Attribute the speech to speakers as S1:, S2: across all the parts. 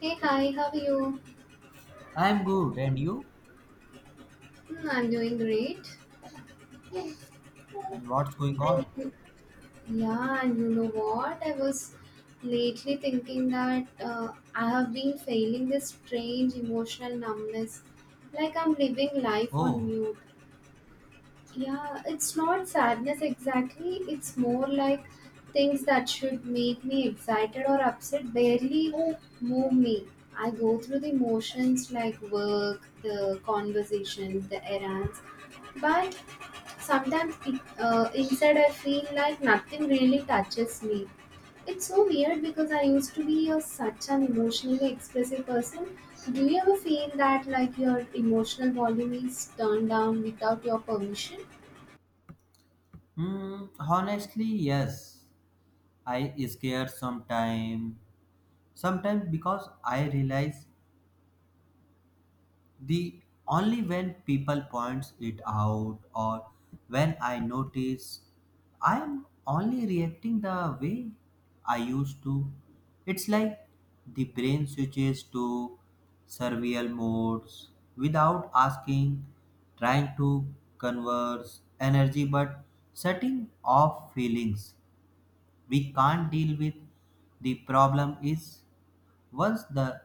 S1: Hey, hi, how are you?
S2: I'm good, and you?
S1: Hmm, I'm doing great. And
S2: And what's going on?
S1: Yeah, and you know what? I was lately thinking that I have been feeling this strange emotional numbness, like I'm living life on
S2: Oh,
S1: mute. Yeah, it's not sadness exactly, it's more like things that should make me excited or upset barely move me. I go through the motions like work, the conversations, the errands, but sometimes inside I feel like nothing really touches me. It's so weird because I used to be such an emotionally expressive person. Do you ever feel that like your emotional volume is turned down without your permission?
S2: hmm, honestly, yes. I scare sometime. Sometimes because I realize the only when people points it out or when I notice I am only reacting the way I used to. It's like the brain switches to survival modes without asking, trying to converse energy but setting off feelings. We can't deal with the problem is once the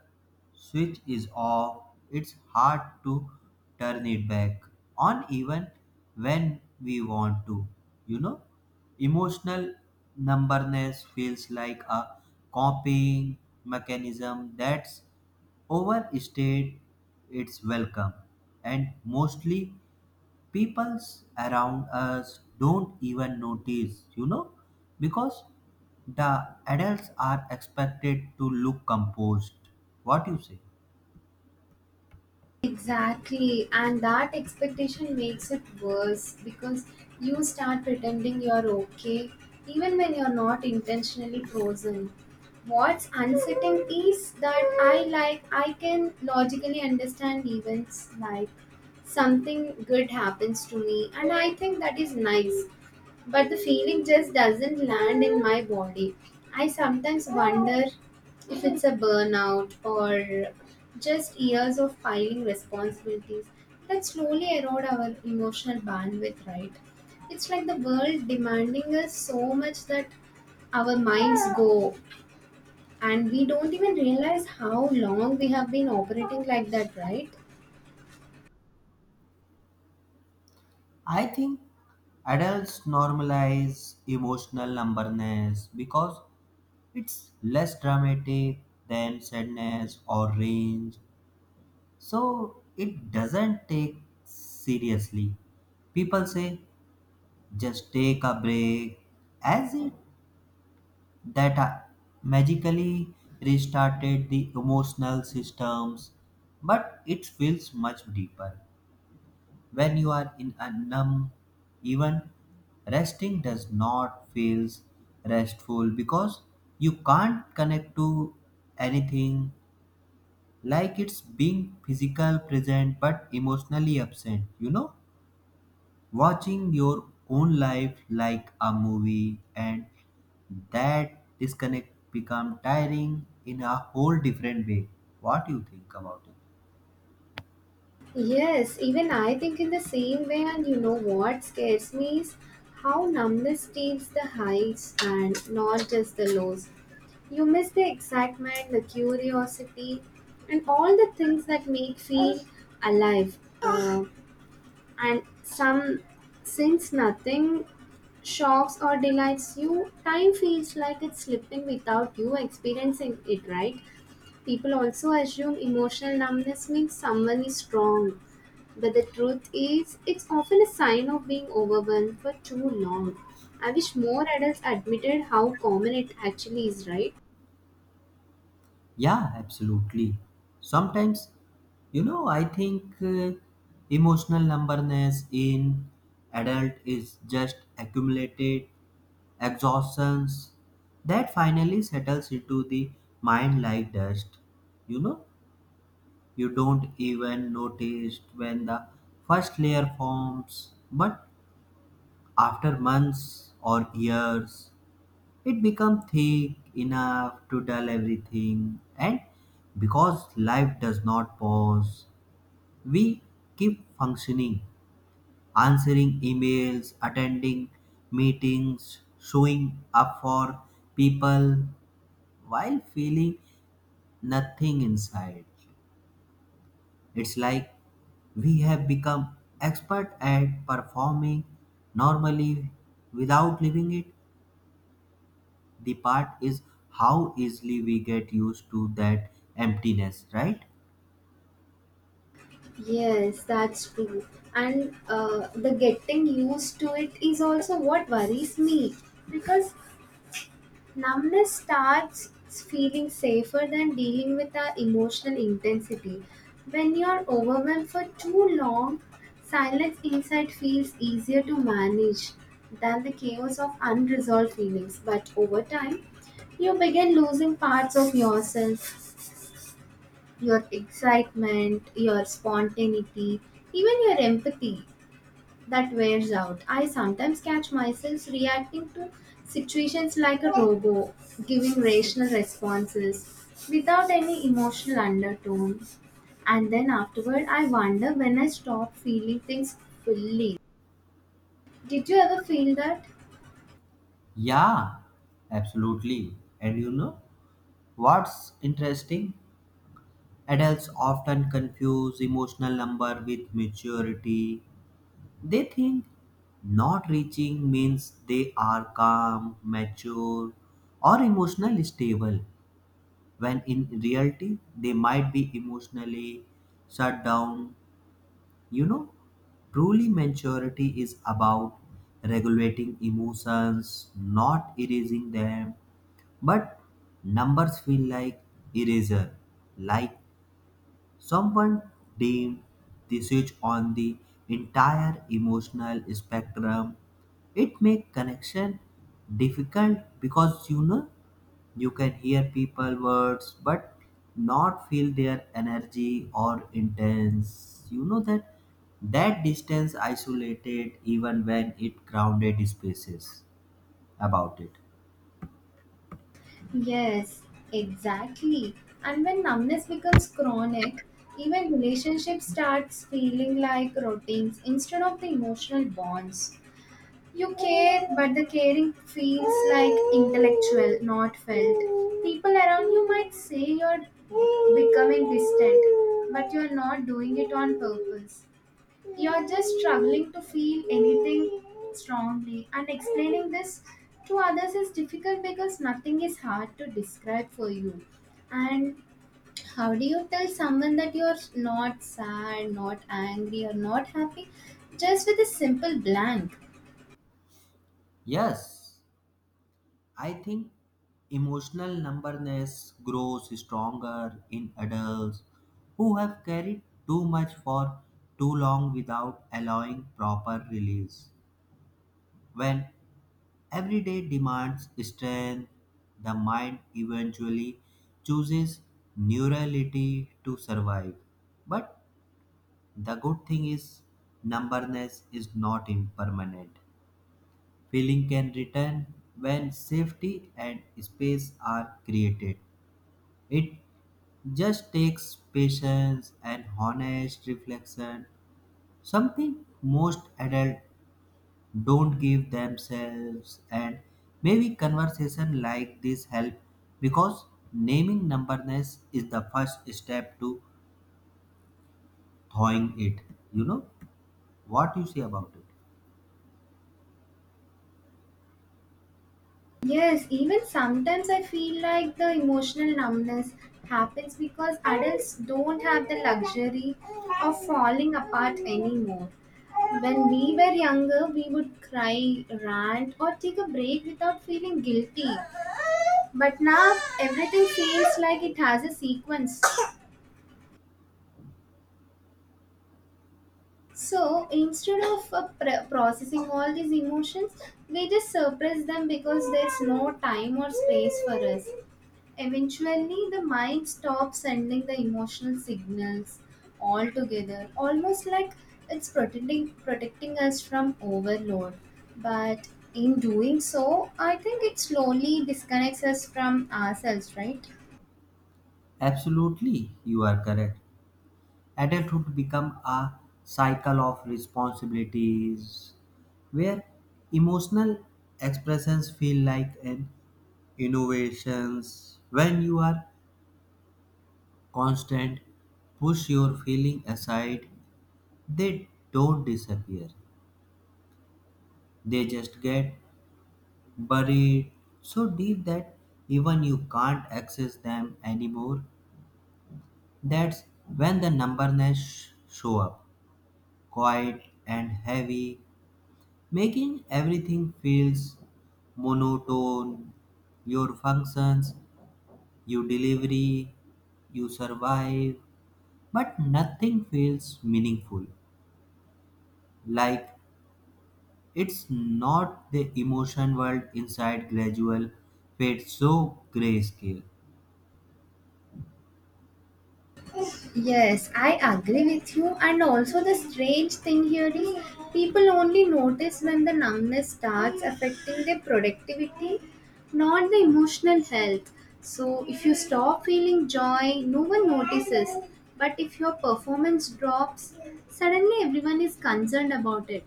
S2: switch is off, it's hard to turn it back on even when we want to. You know, emotional numberness feels like a copying mechanism that's overstayed its welcome, and mostly peoples around us don't even notice, you know, because the adults are expected to look composed. What you say?
S1: Exactly, and that expectation makes it worse because you start pretending you're okay even when you're not intentionally frozen. What's unsettling is that I can logically understand events, like something good happens to me and I think that is nice, but the feeling just doesn't land in my body. I sometimes wonder if it's a burnout or just years of piling responsibilities that slowly erode our emotional bandwidth, right? It's like the world demanding us so much that our minds go and we don't even realize how long we have been operating like that, right?
S2: I think adults normalize emotional numberness because it's less dramatic than sadness or range. So it doesn't take seriously. People say just take a break as it that magically restarted the emotional systems, but it feels much deeper when you are in a numb, even resting does not feels restful because you can't connect to anything, like it's being physical present but emotionally absent, you know, watching your own life like a movie, and that disconnect become tiring in a whole different way. What do you think about it?
S1: Yes, even I think in the same way, and you know what scares me is how numbness steals the highs and not just the lows. You miss the excitement, the curiosity, and all the things that make feel alive. And some, since nothing shocks or delights you, time feels like it's slipping without you experiencing it. Right? People also assume emotional numbness means someone is strong, but the truth is, it's often a sign of being overwhelmed for too long. I wish more adults admitted how common it actually is. Right?
S2: Yeah, absolutely. Sometimes, you know, I think emotional numbness in adult is just accumulated exhaustions that finally settles into the mind like dust, you know. You don't even notice when the first layer forms, but after months or years, it becomes thick enough to dull everything. And because life does not pause, we keep functioning, answering emails, attending meetings, showing up for people while feeling nothing inside. It's like we have become expert at performing normally without living it. The part is how easily we get used to that emptiness, right?
S1: Yes, that's true. And the getting used to it is also what worries me because numbness starts feeling safer than dealing with our emotional intensity. When you're overwhelmed for too long, silence inside feels easier to manage than the chaos of unresolved feelings. But over time, you begin losing parts of yourself, your excitement, your spontaneity, even your empathy that wears out. I sometimes catch myself reacting to situations like a robot, giving rational responses without any emotional undertone. And then afterward, I wonder when I stop feeling things fully. Did you ever feel that?
S2: Yeah, absolutely. And you know what's interesting? Adults often confuse emotional number with maturity. They think not reaching means they are calm, mature, or emotionally stable, when in reality they might be emotionally shut down. You know, truly maturity is about regulating emotions, not erasing them. But numbers feel like eraser, like someone deemed the switch on the entire emotional spectrum. It make connection difficult because, you know, you can hear people words but not feel their energy or intense. You know that that distance isolated even when it grounded spaces about it.
S1: Yes, exactly. And when numbness becomes chronic, even relationships starts feeling like routines instead of the emotional bonds. You care, but the caring feels like intellectual, not felt. People around you might say you're becoming distant, but you're not doing it on purpose. You're just struggling to feel anything strongly, and explaining this to others is difficult because nothing is hard to describe for you. And how do you tell someone that you're not sad, not angry, or not happy, just with a simple blank?
S2: Yes, I think emotional numberness grows stronger in adults who have carried too much for too long without allowing proper release. When every day demands strength, the mind eventually chooses neurality to survive. But the good thing is, numberness is not impermanent. Feeling can return when safety and space are created. It just takes patience and honest reflection, something most adult don't give themselves, and maybe conversation like this help because naming numberness is the first step to thawing it, you know. What you say about it?
S1: Yes, even sometimes I feel like the emotional numbness happens because adults don't have the luxury of falling apart anymore. When we were younger, we would cry, rant, or take a break without feeling guilty. But now everything feels like it has a sequence. So instead of processing all these emotions, we just suppress them because there's no time or space for us. Eventually, the mind stops sending the emotional signals altogether, almost like it's protecting us from overload. But in doing so, I think it slowly disconnects us from ourselves, right?
S2: Absolutely, you are correct. Adulthood become a cycle of responsibilities where emotional expressions feel like an innovations. When you are constant push your feeling aside, they don't disappear, they just get buried so deep that even you can't access them anymore. That's when the numberness show up, quiet and heavy, making everything feels monotone. Your functions, you delivery, you survive, but nothing feels meaningful. Like, it's not the emotion world inside gradual fade so grayscale.
S1: Yes, I agree with you. And also, the strange thing here is people only notice when the numbness starts affecting their productivity, not the emotional health. So, if you stop feeling joy, no one notices. But if your performance drops, suddenly everyone is concerned about it.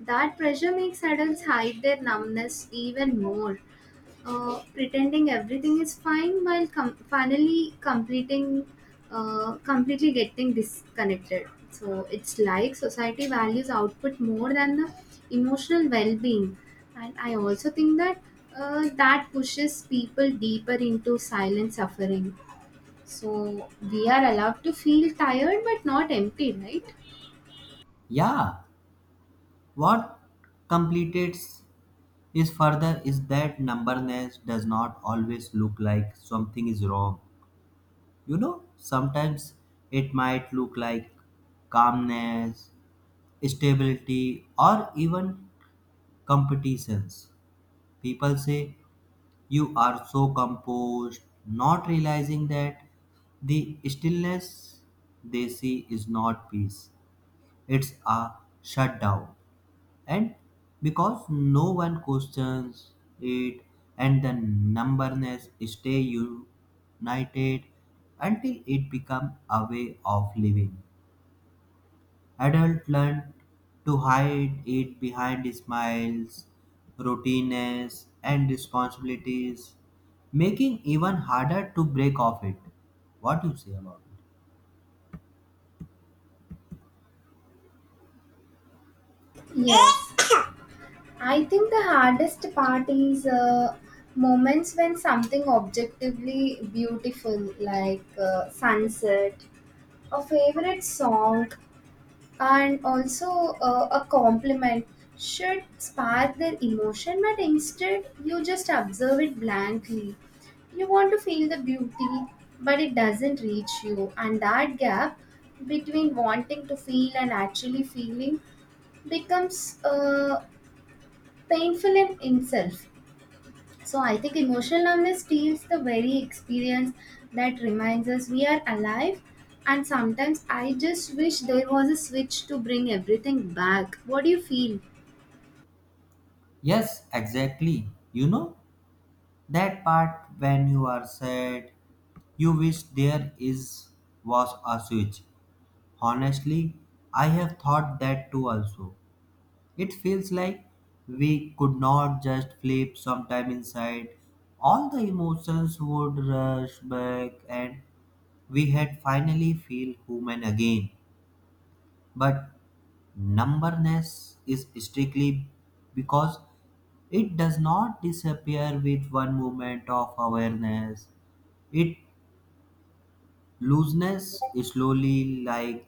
S1: That pressure makes adults hide their numbness even more, pretending everything is fine while com- finally completing completely getting disconnected. So it's like society values output more than the emotional well-being, and I also think that that pushes people deeper into silent suffering. So we are allowed to feel tired but not empty, right?
S2: Yeah, what completes is further is that numberness does not always look like something is wrong. You know, sometimes it might look like calmness, stability, or even competitions. People say you are so composed, not realizing that the stillness they see is not peace, it's a shutdown. And because no one questions it, and the numberness stay united until it becomes a way of living. Adults learn to hide it behind smiles, routines, and responsibilities, making even harder to break off it. What do you say about it?
S1: Yes, I think the hardest part is moments when something objectively beautiful, like sunset, a favorite song, and also a compliment, should spark their emotion, but instead you just observe it blankly. You want to feel the beauty, but it doesn't reach you, and that gap between wanting to feel and actually feeling becomes painful in itself. So I think emotional numbness steals the very experience that reminds us we are alive. And sometimes I just wish there was a switch to bring everything back. What do you feel?
S2: Yes, exactly. You know that part when you are sad, you wish there is was a switch. Honestly, I have thought that too also. It feels like we could not just flip sometime inside. All the emotions would rush back and we had finally feel human again. But numberness is strictly because it does not disappear with one moment of awareness. It looseness slowly like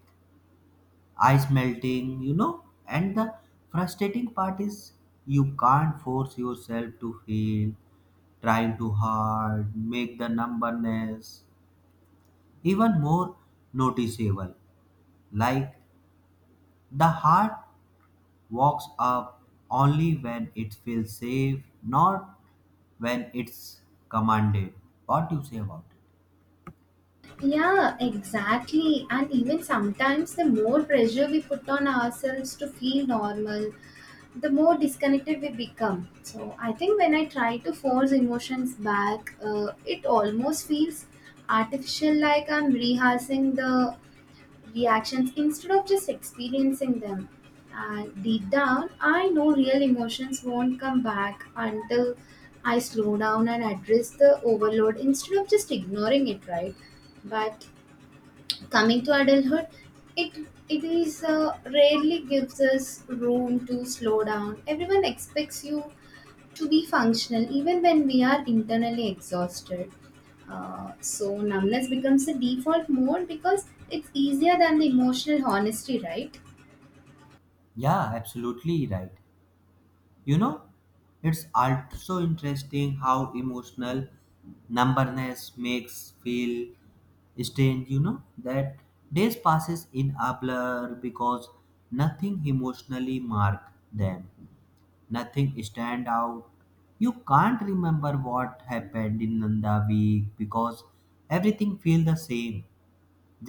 S2: ice melting, you know. And the frustrating part is you can't force yourself to feel, trying too hard, make the numbness even more noticeable. Like the heart walks up only when it feels safe, not when it's commanded. What do you say about it?
S1: Yeah, exactly. And even sometimes the more pressure we put on ourselves to feel normal, the more disconnected we become. So I think when I try to force emotions back, it almost feels artificial, like I'm rehearsing the reactions instead of just experiencing them. And deep down, I know real emotions won't come back until I slow down and address the overload instead of just ignoring it, right? But coming to adulthood, it is rarely gives us room to slow down. Everyone expects you to be functional even when we are internally exhausted. So numbness becomes the default mode because it's easier than the emotional honesty, right?
S2: Yeah, absolutely right. You know, it's also interesting how emotional numberness makes feel strange. You know that days passes in a blur because nothing emotionally marked them, nothing stand out. You can't remember what happened in the week because everything feel the same,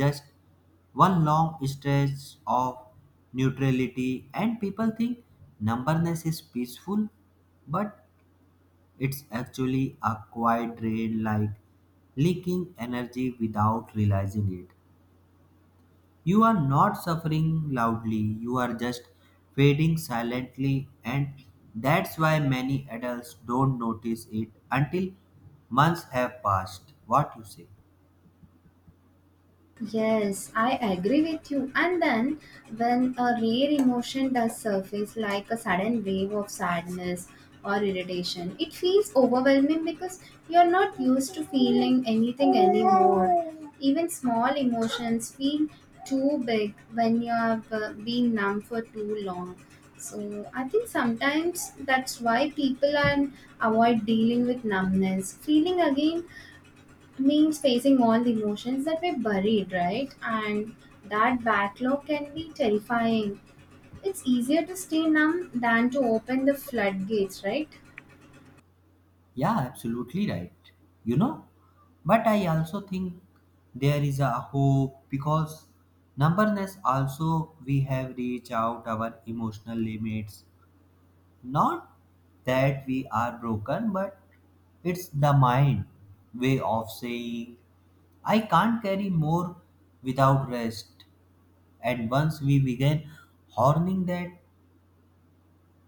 S2: just one long stretch of neutrality, and people think numberness is peaceful, but it's actually a quiet drain, like leaking energy without realizing it. You are not suffering loudly, you are just fading silently, and that's why many adults don't notice it until months have passed. What you say?
S1: Yes, I agree with you. And then, when a rare emotion does surface, like a sudden wave of sadness or irritation, it feels overwhelming because you're not used to feeling anything anymore. Even small emotions feel too big when you have been numb for too long. So, I think sometimes that's why people are, avoid dealing with numbness. Feeling again means facing all the emotions that were buried, right? And that backlog can be terrifying. It's easier to stay numb than to open the floodgates, right?
S2: Yeah, absolutely right. You know, but I also think there is a hope because numberness also we have reached out our emotional limits. Not that we are broken, but it's the mind way of saying I can't carry more without rest. And once we begin honing that,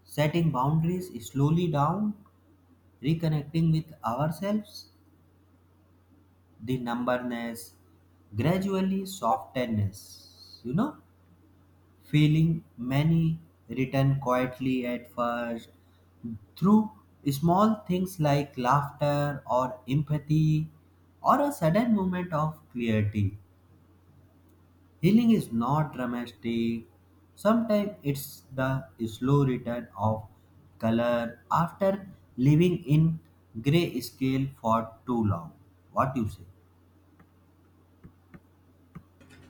S2: setting boundaries slowly down, reconnecting with ourselves, the numbness gradually softens, you know, feeling many return quietly at first through small things like laughter or empathy or a sudden moment of clarity. Healing is not dramatic. Sometimes it's the slow return of color after living in gray scale for too long. What you say?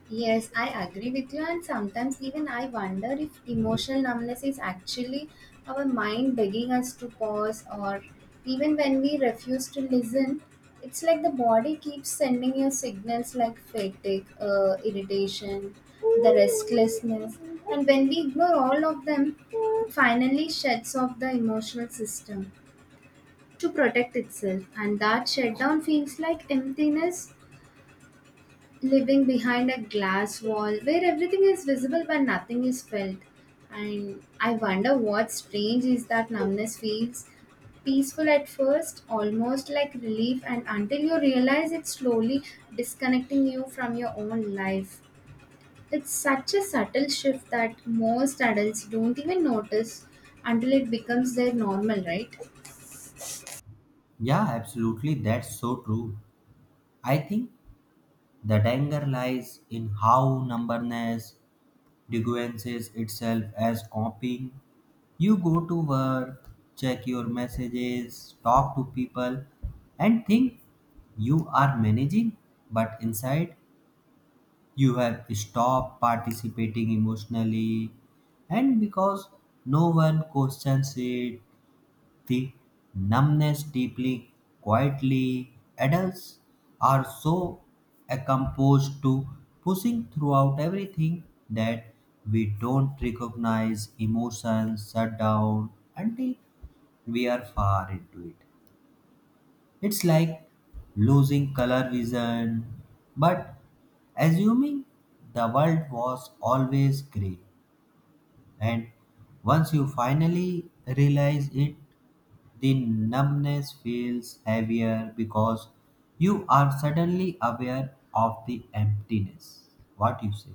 S1: Yes, I agree with you, and sometimes even I wonder if emotional numbness is actually our mind begging us to pause, or even when we refuse to listen, it's like the body keeps sending you signals like fatigue, irritation, the restlessness, and when we ignore all of them, it finally shuts off the emotional system to protect itself, and that shutdown feels like emptiness, living behind a glass wall where everything is visible but nothing is felt. And I wonder what strange is that numbness feels peaceful at first, almost like relief, and until you realize it's slowly disconnecting you from your own life. It's such a subtle shift that most adults don't even notice until it becomes their normal, right?
S2: Yeah, absolutely. That's so true. I think the danger lies in how numberness deguences itself as copying. You go to work, check your messages, talk to people, and think you are managing, but inside you have stopped participating emotionally. And because no one questions it, the numbness deeply, quietly, adults are so accustomed to pushing throughout everything that we don't recognize emotions shut down until we are far into it. It's like losing color vision, but assuming the world was always gray, and once you finally realize it, the numbness feels heavier because you are suddenly aware of the emptiness. What you say?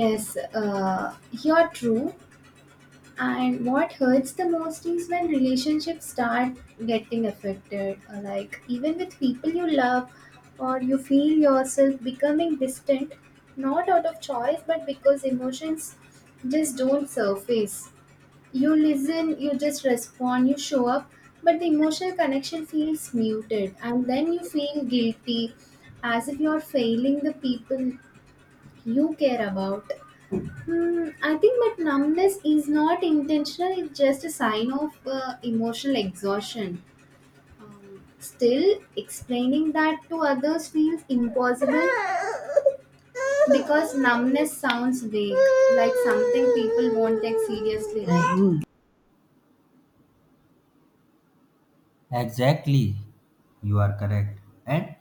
S1: Yes, you're true. And what hurts the most is when relationships start getting affected, like even with people you love, or you feel yourself becoming distant, not out of choice, but because emotions just don't surface. You listen, you just respond, you show up, but the emotional connection feels muted, and then you feel guilty as if you're failing the people you care about. Hmm, I think that numbness is not intentional, it's just a sign of emotional exhaustion. Still, explaining that to others feels impossible because numbness sounds vague, like something people won't take seriously, right?
S2: Exactly, you are correct. And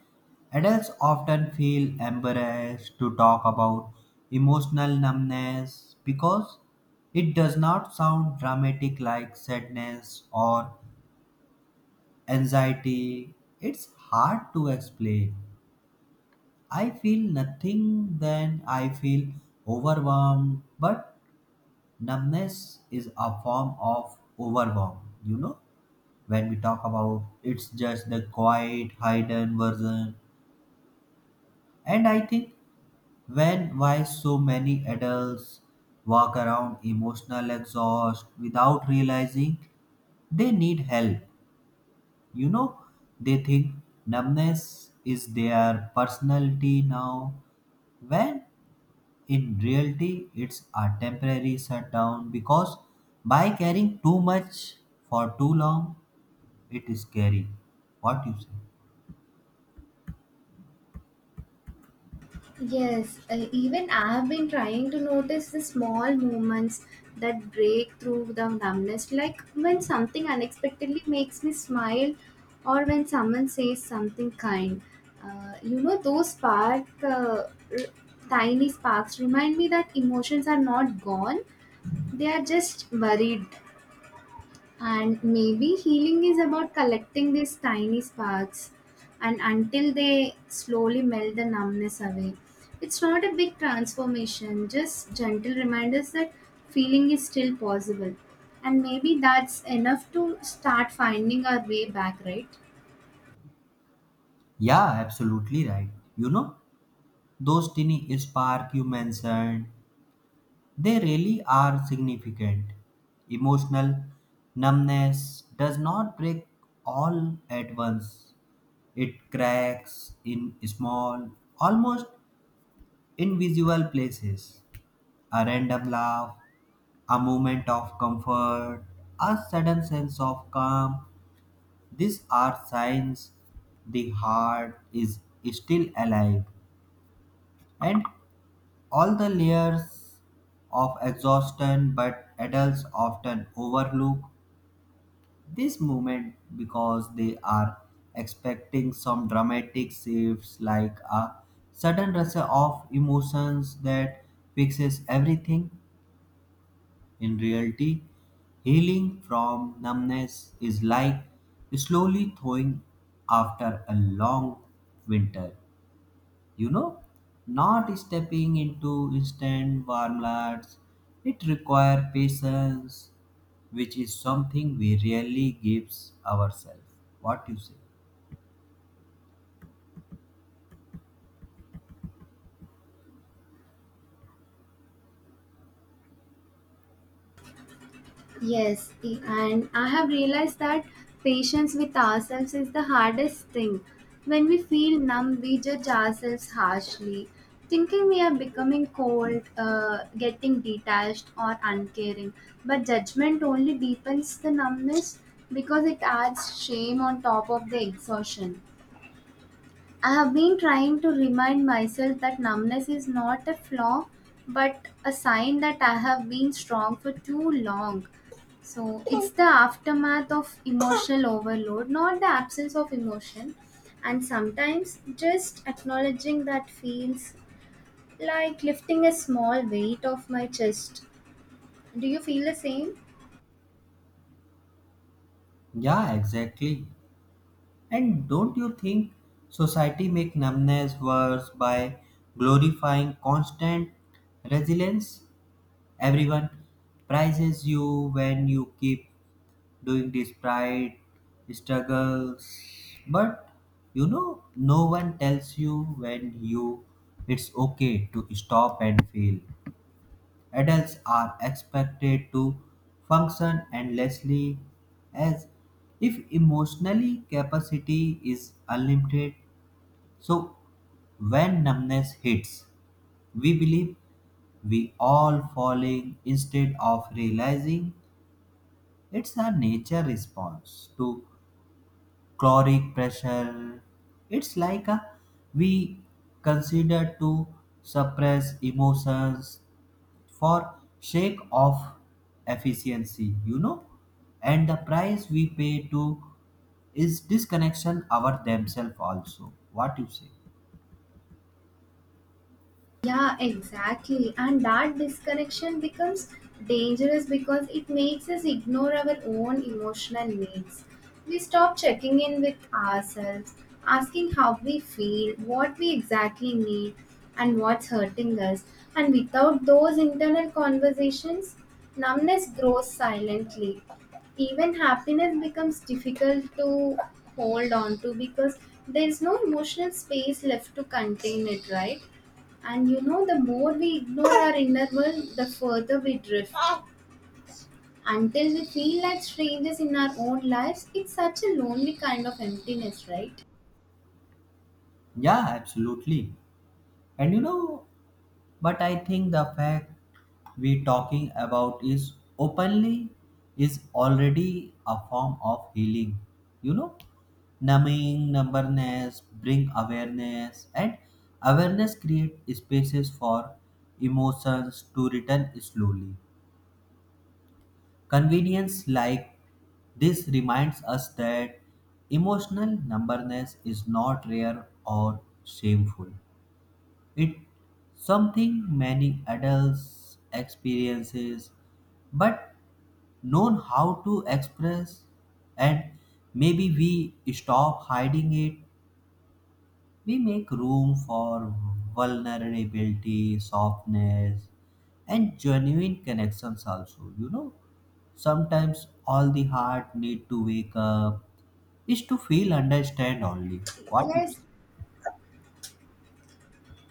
S2: adults often feel embarrassed to talk about emotional numbness because it does not sound dramatic like sadness or anxiety. It's hard to explain I feel nothing, then I feel overwhelmed. But numbness is a form of overwhelm, you know. When we talk about it's just the quiet, hidden version. And I think when why so many adults walk around emotional exhaust without realizing they need help. You know, they think numbness is their personality now, when in reality it's a temporary shutdown because by carrying too much for too long, it is scary. What you say?
S1: Yes, even I have been trying to notice the small moments that break through the numbness, like when something unexpectedly makes me smile or when someone says something kind. Those r- tiny sparks remind me that emotions are not gone, they are just buried, and maybe healing is about collecting these tiny sparks and until they slowly melt the numbness away. It's not a big transformation, just gentle reminders that feeling is still possible. And maybe that's enough to start finding our way back, right?
S2: Yeah, absolutely right. You know, those tiny spark you mentioned, they really are significant. Emotional numbness does not break all at once, it cracks in small, almost invisible places, a random laugh, a moment of comfort, a sudden sense of calm. These are signs the heart is still alive. And all the layers of exhaustion, but adults often overlook this moment because they are expecting some dramatic shifts like a sudden rush of emotions that fixes everything. In reality, healing from numbness is like slowly thawing after a long winter. You know, not stepping into instant warmlets, it requires patience, which is something we rarely gives ourselves. What you say?
S1: Yes, and I have realized that patience with ourselves is the hardest thing. When we feel numb, we judge ourselves harshly, thinking we are becoming cold, getting detached, or uncaring. But judgment only deepens the numbness because it adds shame on top of the exhaustion. I have been trying to remind myself that numbness is not a flaw but a sign that I have been strong for too long. So it's the aftermath of emotional overload, not the absence of emotion. And sometimes just acknowledging that feels like lifting a small weight off my chest. Do you feel the same?
S2: Yeah, exactly. And don't you think society make numbness worse by glorifying constant resilience? Everyone prizes you when you keep doing despite struggles, but you know, no one tells you when you it's okay to stop and fail. Adults are expected to function endlessly as if emotionally capacity is unlimited. So when numbness hits, we believe we all falling instead of realizing it's a nature response to caloric pressure. It's like a we consider to suppress emotions for sake of efficiency, you know? And the price we pay to is disconnection our themselves also. What you say?
S1: Yeah, exactly. And that disconnection becomes dangerous because it makes us ignore our own emotional needs. We stop checking in with ourselves, asking how we feel, what we exactly need, and what's hurting us. And without those internal conversations, numbness grows silently. Even happiness becomes difficult to hold on to because there's no emotional space left to contain it, right? And you know, the more we ignore our inner world, the further we drift. Until we feel like strangers in our own lives, it's such a lonely kind of emptiness, right?
S2: Yeah, absolutely. And you know, but I think the fact we talking about is openly is already a form of healing. You know, numbing numberness bring awareness, and awareness create spaces for emotions to return slowly. Convenience like this reminds us that emotional numberness is not rare or shameful. It's something many adults experiences but known how to express, and maybe we stop hiding it, we make room for vulnerability softness and genuine connections also, you know. Sometimes all the heart need to wake up is to feel understand only. What you
S1: Yes,
S2: say?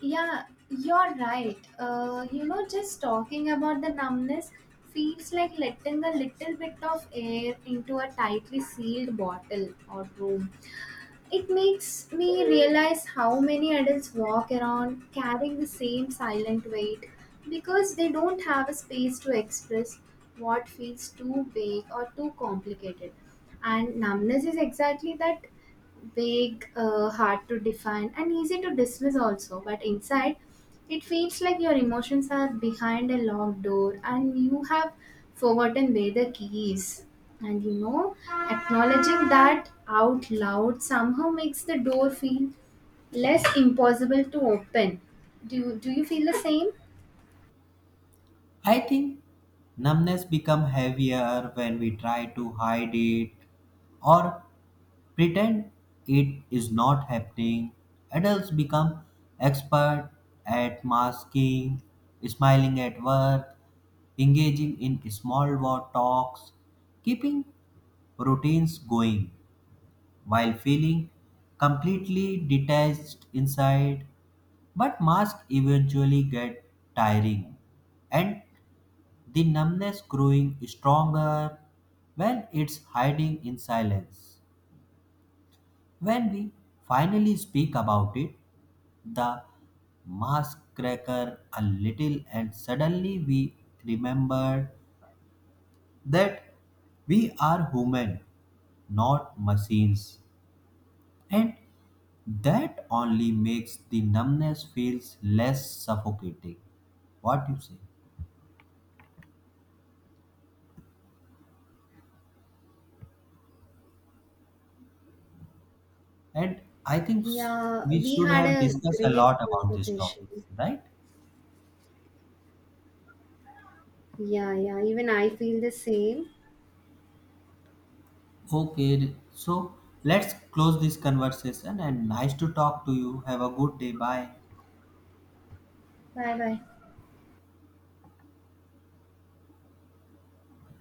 S1: yeah, you're right. You know, just talking about the numbness feels like letting a little bit of air into a tightly sealed bottle or room. It makes me realize how many adults walk around carrying the same silent weight because they don't have a space to express what feels too big or too complicated. And numbness is exactly that, vague, hard to define, and easy to dismiss also. But inside, it feels like your emotions are behind a locked door and you have forgotten where the key is. And you know, acknowledging that out loud somehow makes the door feel less impossible to open. Do you feel the same?
S2: I think numbness become heavier when we try to hide it or pretend it is not happening. Adults become expert at masking, smiling at work, engaging in small war talks, keeping routines going while feeling completely detached inside. But masks eventually get tiring, and the numbness growing stronger when it's hiding in silence. When we finally speak about it, the mask cracker a little and suddenly we remember that we are human, not machines. And that only makes the numbness feels less suffocating. What you say? And I think
S1: Yeah,
S2: we
S1: we
S2: should
S1: had
S2: have
S1: a
S2: discussed a
S1: great
S2: lot about this
S1: conversation.
S2: topic, right?
S1: Yeah, yeah, even I feel the same.
S2: Okay, so let's close this conversation and nice to talk to you. Have a good day. Bye.
S1: Bye bye.